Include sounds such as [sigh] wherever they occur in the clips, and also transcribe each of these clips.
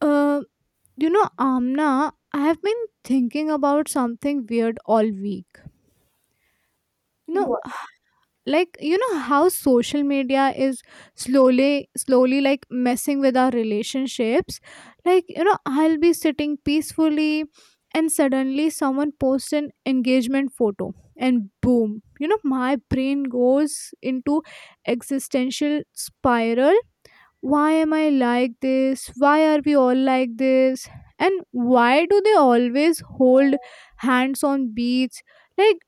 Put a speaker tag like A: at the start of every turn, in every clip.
A: Uh, you know, Amna, I have been thinking about something weird all week. You know,
B: What?
A: h- like you know how social media is slowly, slowly like messing with our relationships. Like you know, I'll be sitting peacefully, and suddenly someone posts an engagement photo, and boom, you know, my brain goes into existential spiral. Why am I like this? Why are we all like this? And why do they always hold hands on beach? Like,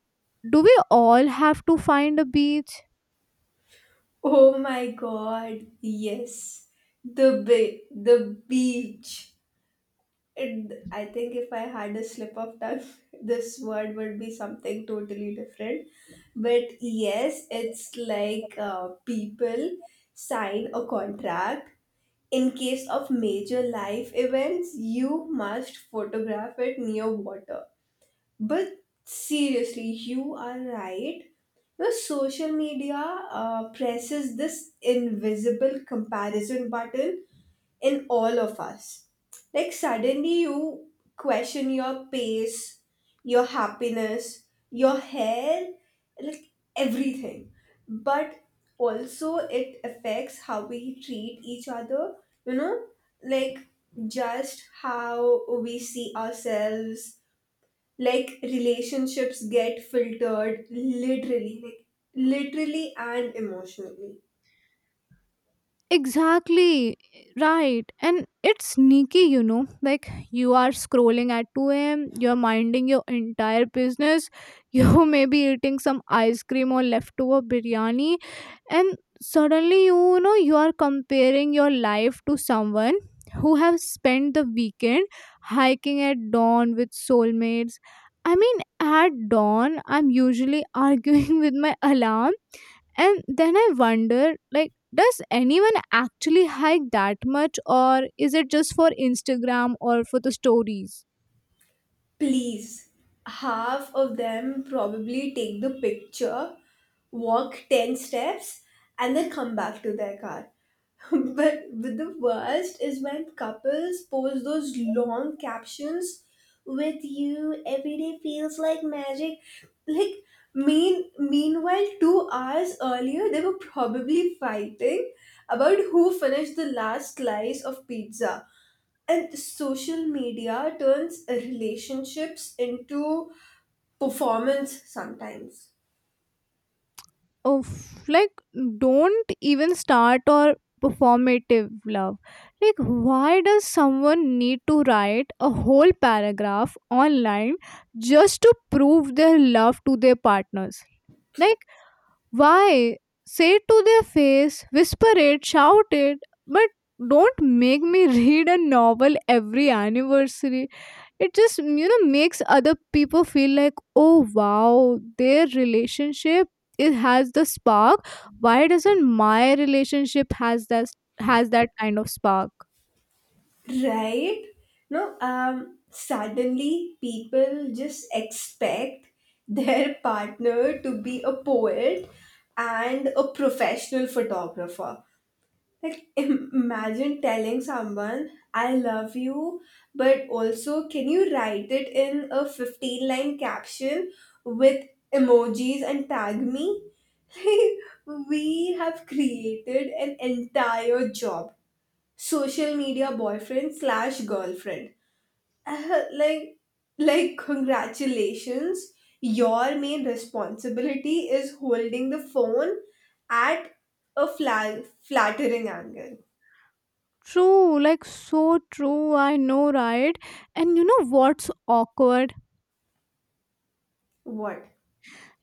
A: do we all have to find a beach?
B: Oh my God, yes. The the beach. And I think if I had a slip of tongue, [laughs] this word would be something totally different. But yes, it's like people sign a contract. In case of major life events, you must photograph it near water. But seriously, you are right. The social media presses this invisible comparison button in all of us. Like suddenly you question your pace, your happiness, your hair, like everything. But also it affects how we treat each other, you know, like just how we see ourselves, like relationships get filtered, literally and emotionally.
A: Exactly right. And it's sneaky, you know. Like you are scrolling at 2 a.m., you're minding your entire business, you [laughs] may be eating some ice cream or leftover biryani, and suddenly you know you are comparing your life to someone who have spent the weekend hiking at dawn with soulmates. I mean, at dawn, I'm usually [laughs] arguing with my alarm, and then I wonder, like, does anyone actually hike that much, or is it just for Instagram or for the stories?
B: Please, half of them probably take the picture, walk 10 steps, and then come back to their car. [laughs] But the worst is when couples post those long captions with you every day feels like magic, like mean meanwhile 2 hours earlier they were probably fighting about who finished the last slice of pizza, and social media turns relationships into performance sometimes.
A: Of like, don't even start or performative love. Like, why does someone need to write a whole paragraph online just to prove their love to their partners? Like, why? Say it to their face, whisper it, shout it, but don't make me [laughs] read a novel every anniversary. It just, you know, makes other people feel like, oh wow, their relationship it has the spark. Why doesn't my relationship has that kind of spark?
B: Right? No, suddenly people just expect their [laughs] partner to be a poet and a professional photographer. Like, imagine telling someone, I love you, but also, can you write it in a 15 line caption with emojis and tag me? [laughs] Like, we have created an entire job, social media boyfriend slash girlfriend. Uh, like, like, congratulations, your main responsibility is holding the phone at a flattering angle.
A: True, like so true, I know, right? And you know what's awkward?
B: What?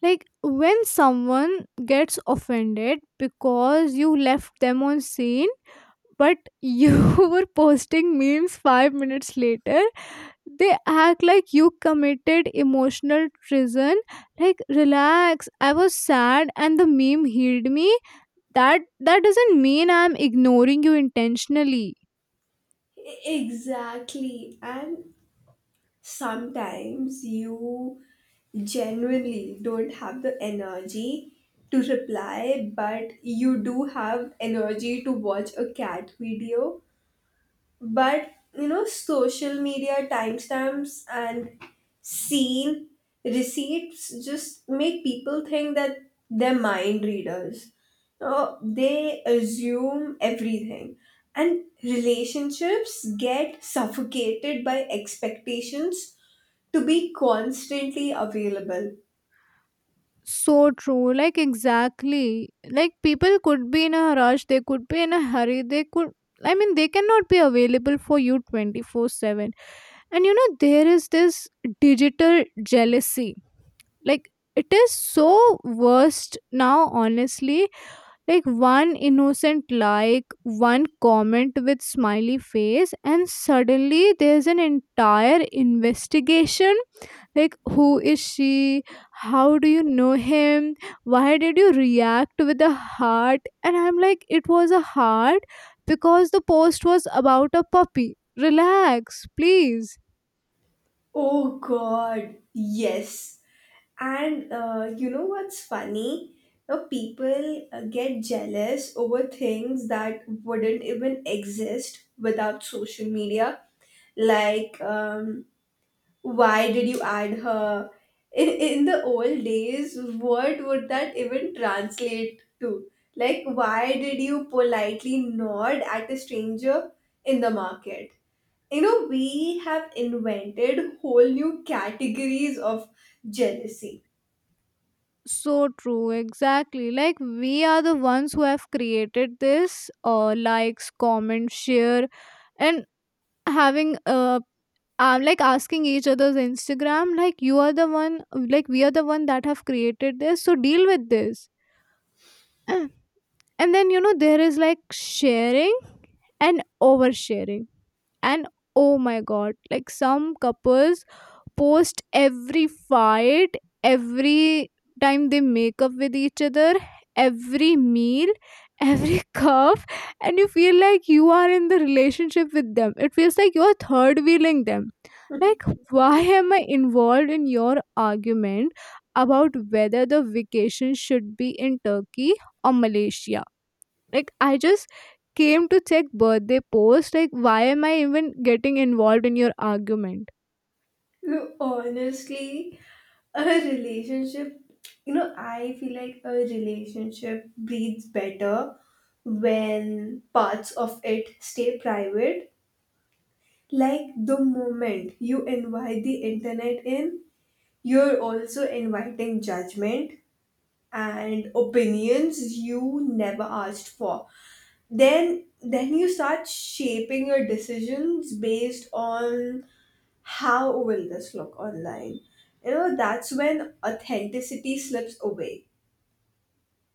A: Like when someone gets offended because you left them on scene, but you [laughs] were posting memes 5 minutes later. They act like you committed emotional treason. Like, relax, I was sad and the meme healed me. That that doesn't mean I'm ignoring you intentionally.
B: Exactly. And sometimes you genuinely don't have the energy to reply, but you do have energy to watch a cat video. But you know, social media timestamps and seen receipts just make people think that they're mind readers. No, they assume everything, and relationships get suffocated by expectations to be constantly available.
A: So true, like exactly. Like people could be in a rush, they could be in a hurry, they could, I mean, they cannot be available for you 24/7. And you know, there is this digital jealousy. Like it is so worst now, honestly. Like one innocent like, one comment with smiley face, and suddenly there's an entire investigation. Like, who is she? How do you know him? Why did you react with a heart? And I'm like, it was a heart because the post was about a puppy. Relax, please.
B: Oh God, yes. And you know what's funny? You know, people get jealous over things that wouldn't even exist without social media. Like, why did you add her? In the old days, what would that even translate to? Like, why did you politely nod at a stranger in the market? You know, we have invented whole new categories of jealousy.
A: So true, exactly. Like, we are the ones who have created this likes, comment, share, and having like asking each other's Instagram, like, you are the one, like, we are the one that have created this, so deal with this. [clears throat] And then, you know, there is like sharing and oversharing. And oh my god, like some couples post every fight, every time they make up with each other, every meal, every [laughs] cuff, and you feel like you are in the relationship with them. It feels like you're third wheeling them. Like, why am I involved in your argument about whether the vacation should be in Turkey or Malaysia? Like I just came to check birthday post. Like why am I even getting involved in your argument?
B: So honestly, a relationship, you know, I feel like a relationship breathes better when parts of it stay private. Like the moment you invite the internet in, you're also inviting judgment and opinions you never asked for. Then you start shaping your decisions based on how will this look online? You know, that's when authenticity slips away.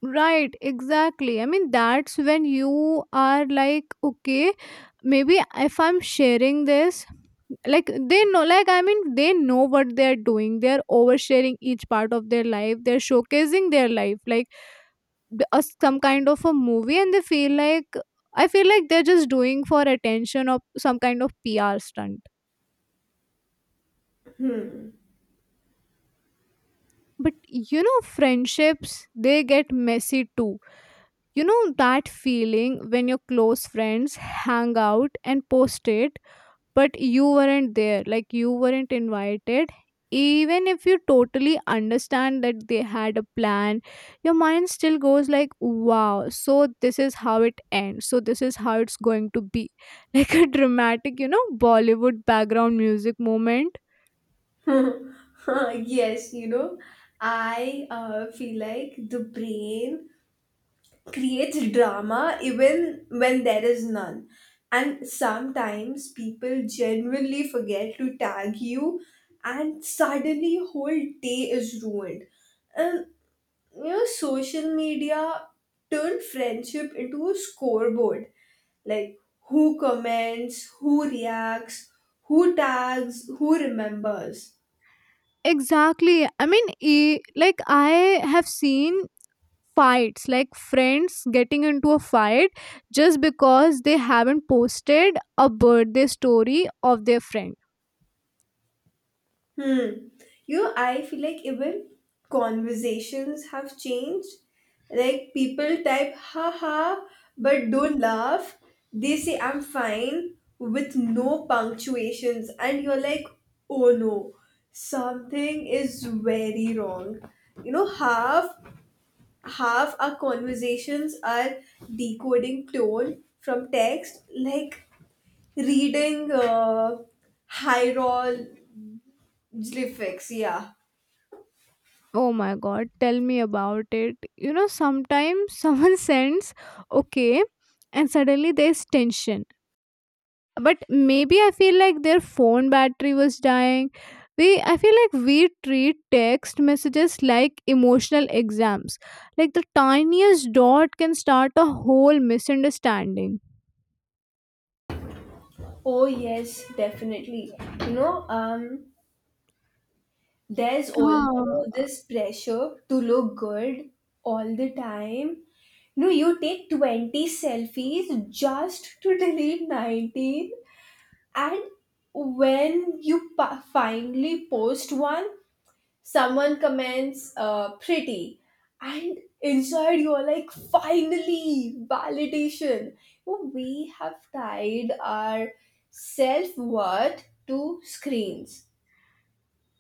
A: Right, exactly. I mean, that's when you are like, okay, maybe if I'm sharing this, like they know, like I mean, they know what they're doing. They're oversharing each part of their life. They're showcasing their life, like some kind of a movie, and they feel like I feel like they're just doing for attention or some kind of PR stunt.
B: Hmm.
A: But you know, friendships, they get messy too. You know that feeling when your close friends hang out and post it, but you weren't there, like you weren't invited. Even if you totally understand that they had a plan, your mind still goes like, wow, so this is how it ends. So this is how it's going to be. [laughs] Like a dramatic, you know, Bollywood background music moment.
B: [laughs] Yes, you know, I feel like the brain creates drama even when there is none. And sometimes people genuinely forget to tag you, and suddenly whole day is ruined. And you know, social media turned friendship into a scoreboard, like who comments, who reacts, who tags, who remembers.
A: Exactly. Like I have seen fights, like friends getting into a fight just because they haven't posted a birthday story of their friend.
B: Hmm. You know, I feel like even conversations have changed. Like people type haha but don't laugh. They say I'm fine with no punctuations and you're like, oh no, something is very wrong. You know, half our conversations are decoding tone from text, like reading hieroglyphics. Yeah.
A: Oh my god, tell me about it. You know, sometimes someone [laughs] sends okay, and suddenly there's tension, but maybe I feel like their phone battery was dying. We i feel like we treat text messages like emotional exams. Like the tiniest dot can start a whole misunderstanding.
B: Oh, yes, definitely. You know, there's also
A: Huh,
B: this pressure to look good all the time. You know, you take 20 selfies just to delete 19, and when you finally post one, someone comments pretty, and inside you're like, finally, validation. Well, we have tied our self-worth to screens.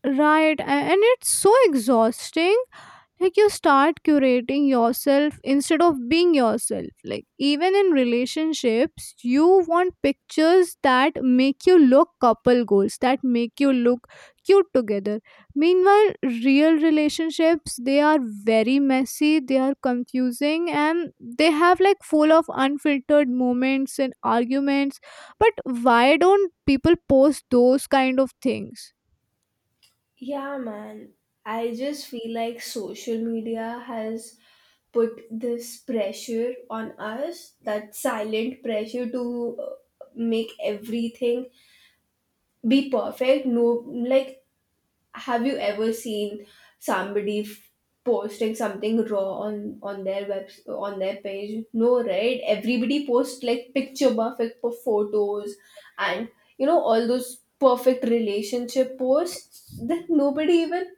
A: right. And it's so exhausting. Like, you start curating yourself instead of being yourself. Like, even in relationships, you want pictures that make you look couple goals, that make you look cute together. Meanwhile, real relationships, they are very messy, they are confusing, and they have like full of unfiltered moments and arguments. But why don't people post those kind of things?
B: Yeah, man, I just feel like social media has put this pressure on us, that silent pressure to make everything be perfect. No, like, have you ever seen somebody posting something raw on their web on their page? No, right? Everybody posts like picture perfect for photos. And you know all those perfect relationship posts that nobody even,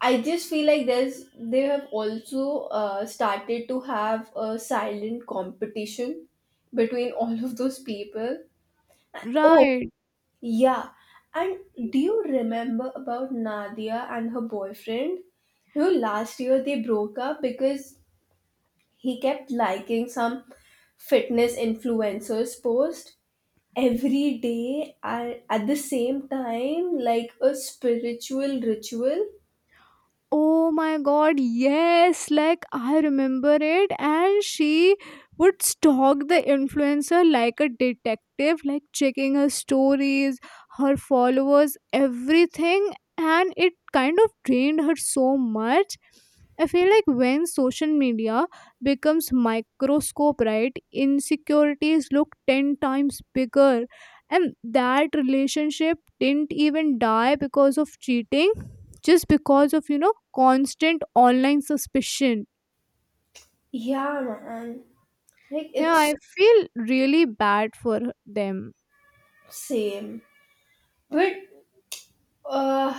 B: I just feel like there's they have also started to have a silent competition between all of those people. Oh
A: Right.
B: yeah, and do you remember about Nadia and her boyfriend? You know, last year they broke up because he kept liking some fitness influencer's post every day and at the same time, like a spiritual ritual.
A: Oh my god, yes. Like I remember it, and she would stalk the influencer like a detective, like checking her stories, her followers, everything, and it kind of drained her so much. I feel like when social media becomes microscope, right, insecurities look 10 times bigger, and that relationship didn't even die because of cheating, just because of you know constant online suspicion.
B: Yeah, man. Like
A: Yeah, I
B: it's,
A: feel really bad for them.
B: same. But uh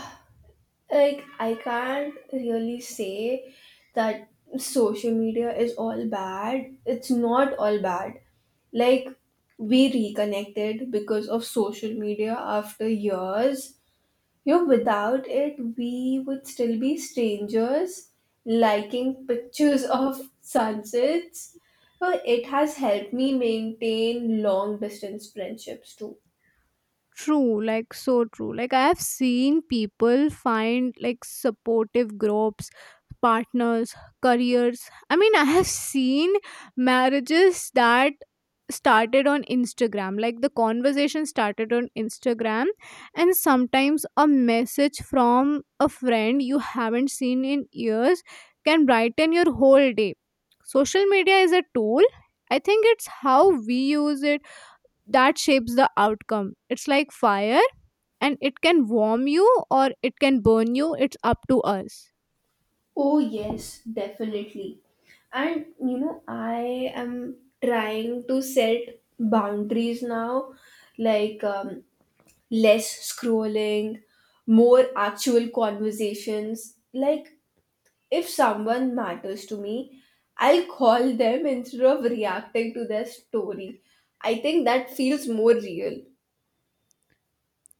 B: like I can't really say that social media is all bad. It's not all bad. Like, we reconnected because of social media after years. You know, without it we would still be strangers liking pictures [laughs] of sunsets. So it has helped me maintain long distance friendships too.
A: True, like so true. Like I have seen people find like supportive groups, partners, careers. I mean, I have seen marriages that started on Instagram. Like the conversation started on Instagram, and sometimes a message from a friend you haven't seen in years can brighten your whole day. Social media is a tool. I think it's how we use it that shapes the outcome. It's like fire, and it can warm you or it can burn you. It's up to us.
B: Oh, yes, definitely. And you know, I am trying to set boundaries now, like less scrolling, more actual conversations. Like, if someone matters to me, I'll call them instead of reacting to their story. I think that feels more real.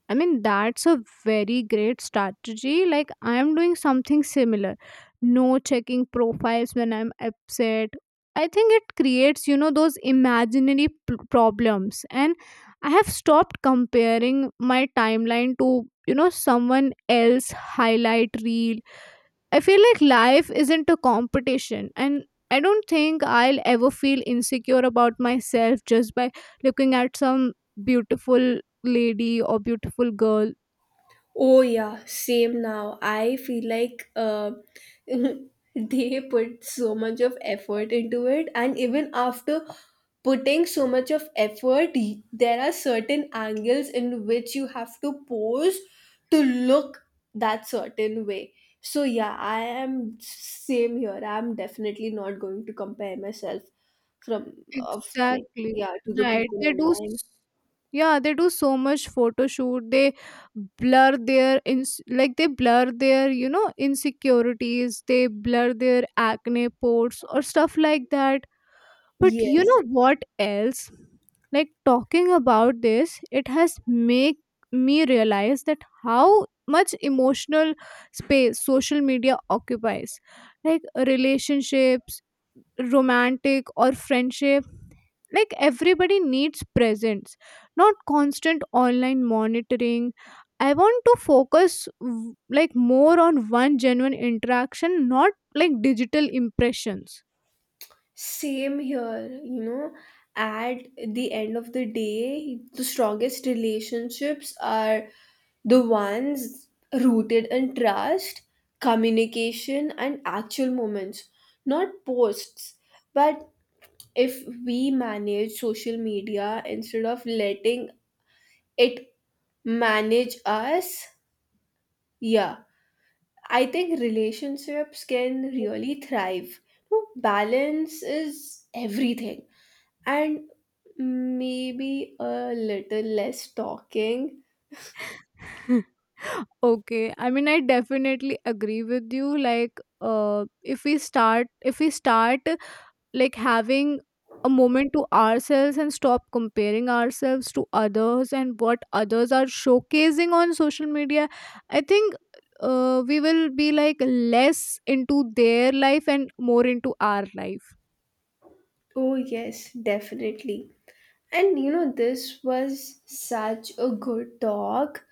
A: I mean, that's a very great strategy. Like I am doing something similar. No checking profiles when I'm upset. I think it creates, you know, those imaginary problems, and I have stopped comparing my timeline to, you know, someone else highlight reel. I feel like life isn't a competition, and I don't think I'll ever feel insecure about myself just by looking at some beautiful lady or beautiful girl.
B: Oh yeah, same now. I feel like [laughs] they put so much of effort into it, and even after putting so much of effort, there are certain angles in which you have to pose to look that certain way. So yeah, I am same here. I'm definitely not going to compare myself from of, like
A: Exactly.
B: yeah, to the
A: Right.
B: people online.
A: Yeah, they do so much photo shoot. They blur their ins- Like they blur their, you know, insecurities. They blur their acne pores or stuff like that. But you know
B: Yes.
A: what else? Like talking about this, it has make me realize that how much emotional space social media occupies. Like relationships, romantic or friendship, like everybody needs presence, not constant online monitoring. I want to like more on one genuine interaction, not like digital impressions.
B: Same here, you know, at the end of the day, the strongest relationships are the ones rooted in trust, communication, and actual moments, not posts. But if we manage social media instead of letting it manage us, yeah, I think relationships can really thrive. No, balance is everything. And maybe a little less talking.
A: [laughs] Okay, I mean I definitely agree with you. Like, uh if we start like having a moment to ourselves and stop comparing ourselves to others and what others are showcasing on social media, I think we will be like less into their life and more into our life.
B: Oh, yes, definitely. And you know, this was such a good talk.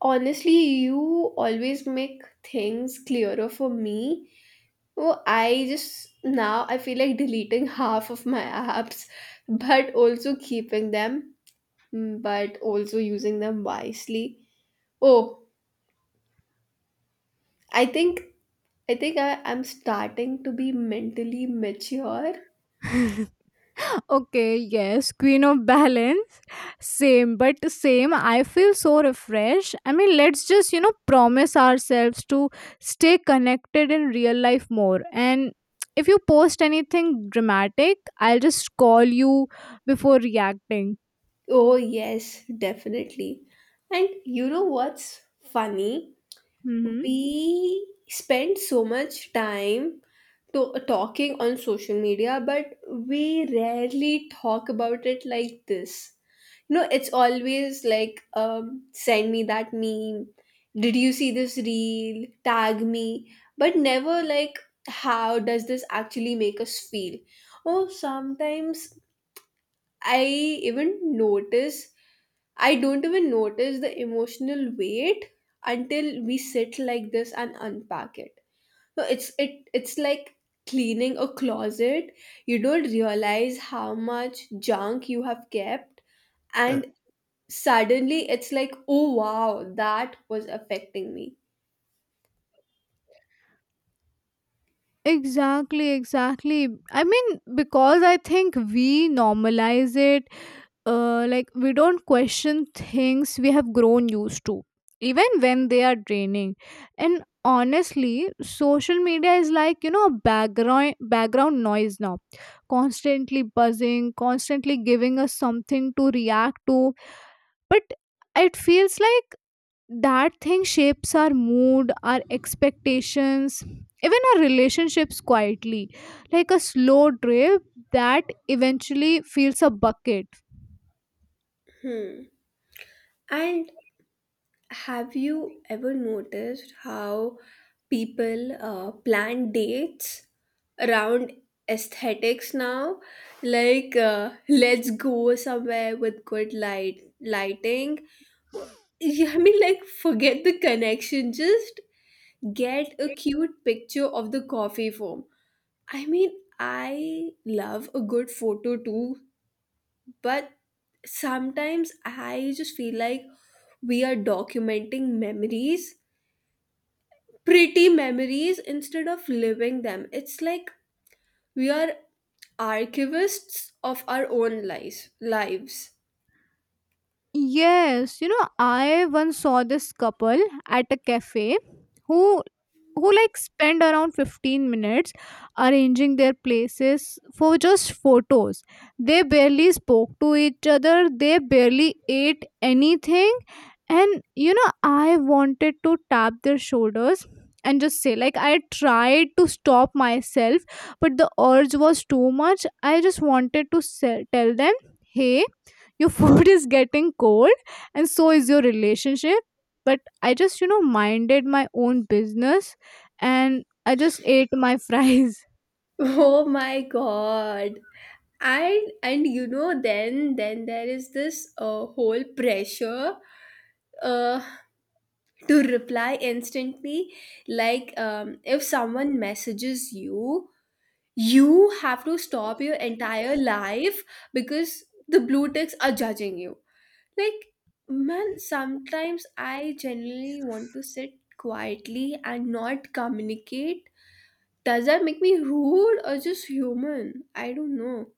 B: Honestly, you always make things clearer for me. Oh, I just, now I feel like deleting half of my apps, but also keeping them, but also using them wisely. Oh, I think I'm starting to be mentally mature.
A: [laughs] Okay, yes, queen of balance. Same, but same. I feel so refreshed. I mean, let's just, you know, promise ourselves to stay connected in real life more. And if you post anything dramatic, I'll just call you before reacting.
B: Oh, yes, definitely. And you know what's funny?
A: Mm-hmm.
B: We spend so much time talking on social media, but we rarely talk about it like this. You know, it's always like, send me that meme. Did you see this reel? Tag me. But never like, how does this actually make us feel? Oh, sometimes I even notice I don't even notice the emotional weight until we sit like this and unpack it. So it's like cleaning a closet. You don't realize how much junk you have kept, and suddenly it's like, "Oh wow, that was affecting me."
A: Exactly, exactly. I mean, because I think we normalize it, like we don't question things we have grown used to, even when they are draining. And honestly social media is like, you know, background noise now, constantly buzzing, constantly giving us something to react to. But it feels like that thing shapes our mood, our expectations, even our relationships quietly, like a slow drip that eventually fills a bucket.
B: Hmm. And have you ever noticed how people plan dates around aesthetics now? Like, let's go somewhere with good lighting. Well, [laughs] yeah, I mean, like, forget the connection. Just get a cute picture of the coffee foam. I mean, I love a good photo too, but sometimes I just feel like we are documenting memories, pretty memories, instead of living them. It's like we are archivists of our own lives. Lives. [laughs]
A: Yes, you know, I once saw this couple at a cafe who who like spend around 15 minutes arranging their places for just photos. They barely spoke to each other, they barely ate anything, and you know, I wanted to tap their shoulders and just say, like, I tried to stop myself but the urge was too much. I just wanted to sell, tell them, "Hey, your food [laughs] is getting cold and so is your relationship." But I just, you know, minded my own business and I just ate my [laughs] fries.
B: Oh my God. And you know then there is this whole pressure uh, to reply instantly. Like, if someone messages you, you have to stop your entire life because the blue ticks are judging you. Like, man, sometimes I generally want to sit quietly and not communicate. Does that make me rude or just human? I don't know.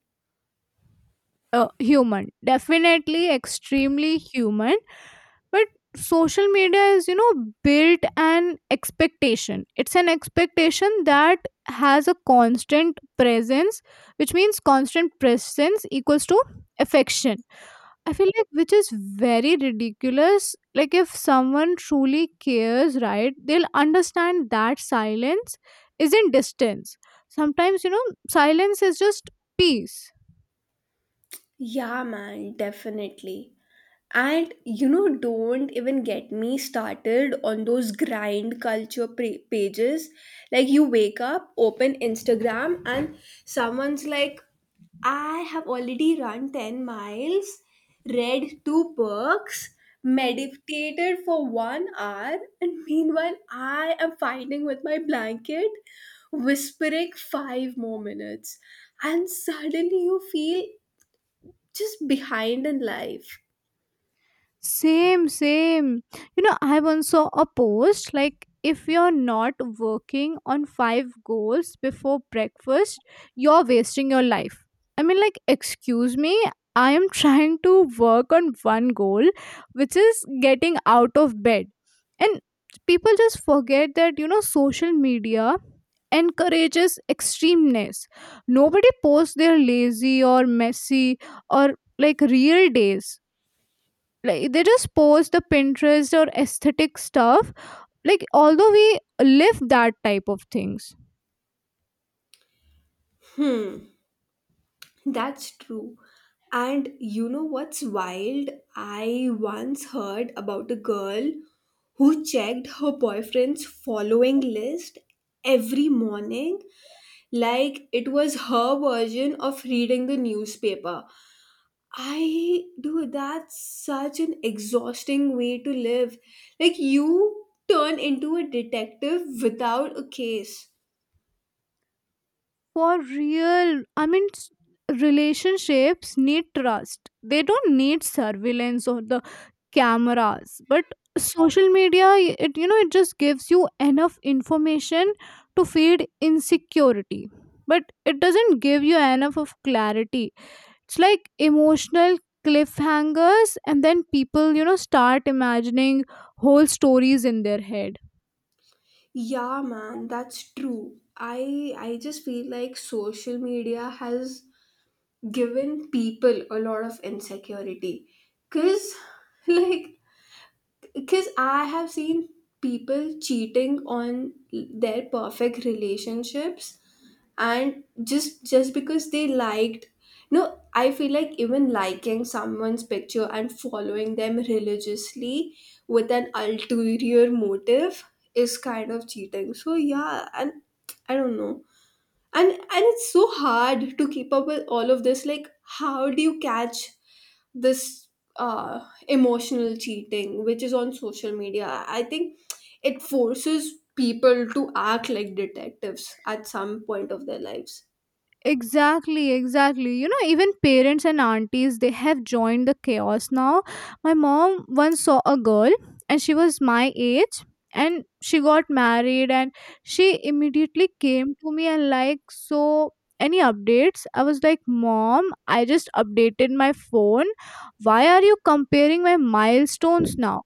A: Human, definitely extremely human. But social media is, you know, built an expectation. It's an expectation that has a constant presence, which means constant presence equals to affection. I feel like which is very ridiculous. Like if someone truly cares, right, they'll understand that silence isn't distance. Sometimes, you know, silence is just peace.
B: Yeah, man, definitely. And you know, don't even get me started on those grind culture pages. Like, you wake up, open Instagram, and someone's like, I have already run 10 miles, read two books, meditated for 1 hour, and meanwhile, I am fighting with my blanket, whispering 5 more minutes. And suddenly, you feel just behind in life.
A: Same, same. You know, I once saw a post like if you're not working on five goals before breakfast, you're wasting your life. I mean, like, excuse me, I am trying to work on one goal, which is getting out of bed. And people just forget that, you know, social media encourages extremeness. Nobody posts their lazy or messy or like real days. Like they just post the pinterest or aesthetic stuff, like although we live that type of things.
B: Hmm. That's true. And you know what's wild? I once heard about a girl who checked her boyfriend's following list every morning like it was her version of reading the newspaper. I do That's such an exhausting way to live. Like you turn into a detective without a case.
A: For real, I mean relationships need trust. They don't need surveillance or the cameras. But social media, it, you know, it just gives you enough information to feed insecurity, but it doesn't give you enough of clarity. It's like emotional cliffhangers, and then people, you know, start imagining whole stories in their head.
B: Yeah, man, that's true. I just feel like social media has given people a lot of insecurity. 'Cause [laughs] like because I have seen people cheating on their perfect relationships, and just because they liked. No, I feel like even liking someone's picture and following them religiously with an ulterior motive is kind of cheating, so yeah. And I don't know. And it's so hard to keep up with all of this, like how do you catch this uh emotional cheating which is on social media? I think it forces people to act like detectives at some point of their lives.
A: Exactly, exactly. You know, even parents and aunties they have joined the chaos now. My mom once saw a girl, and she was my age, and she got married, and she immediately came to me and like, so any updates? I was like, mom, I just updated my phone. Why are you comparing my milestones now?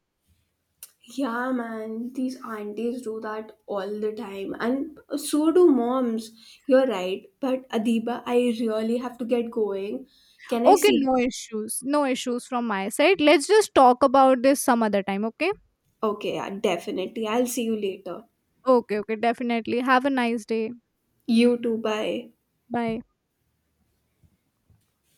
B: Yeah, man, these aunties do that all the time, and so do moms. You're right, but Adiba, I really have to get going. Can I
A: Okay,
B: see
A: no issues. No issues from my side. Let's just talk about this some other time, okay?
B: Okay, yeah, definitely, I'll see you later.
A: Okay, okay, definitely. Have a nice day.
B: You too, bye.
A: Bye.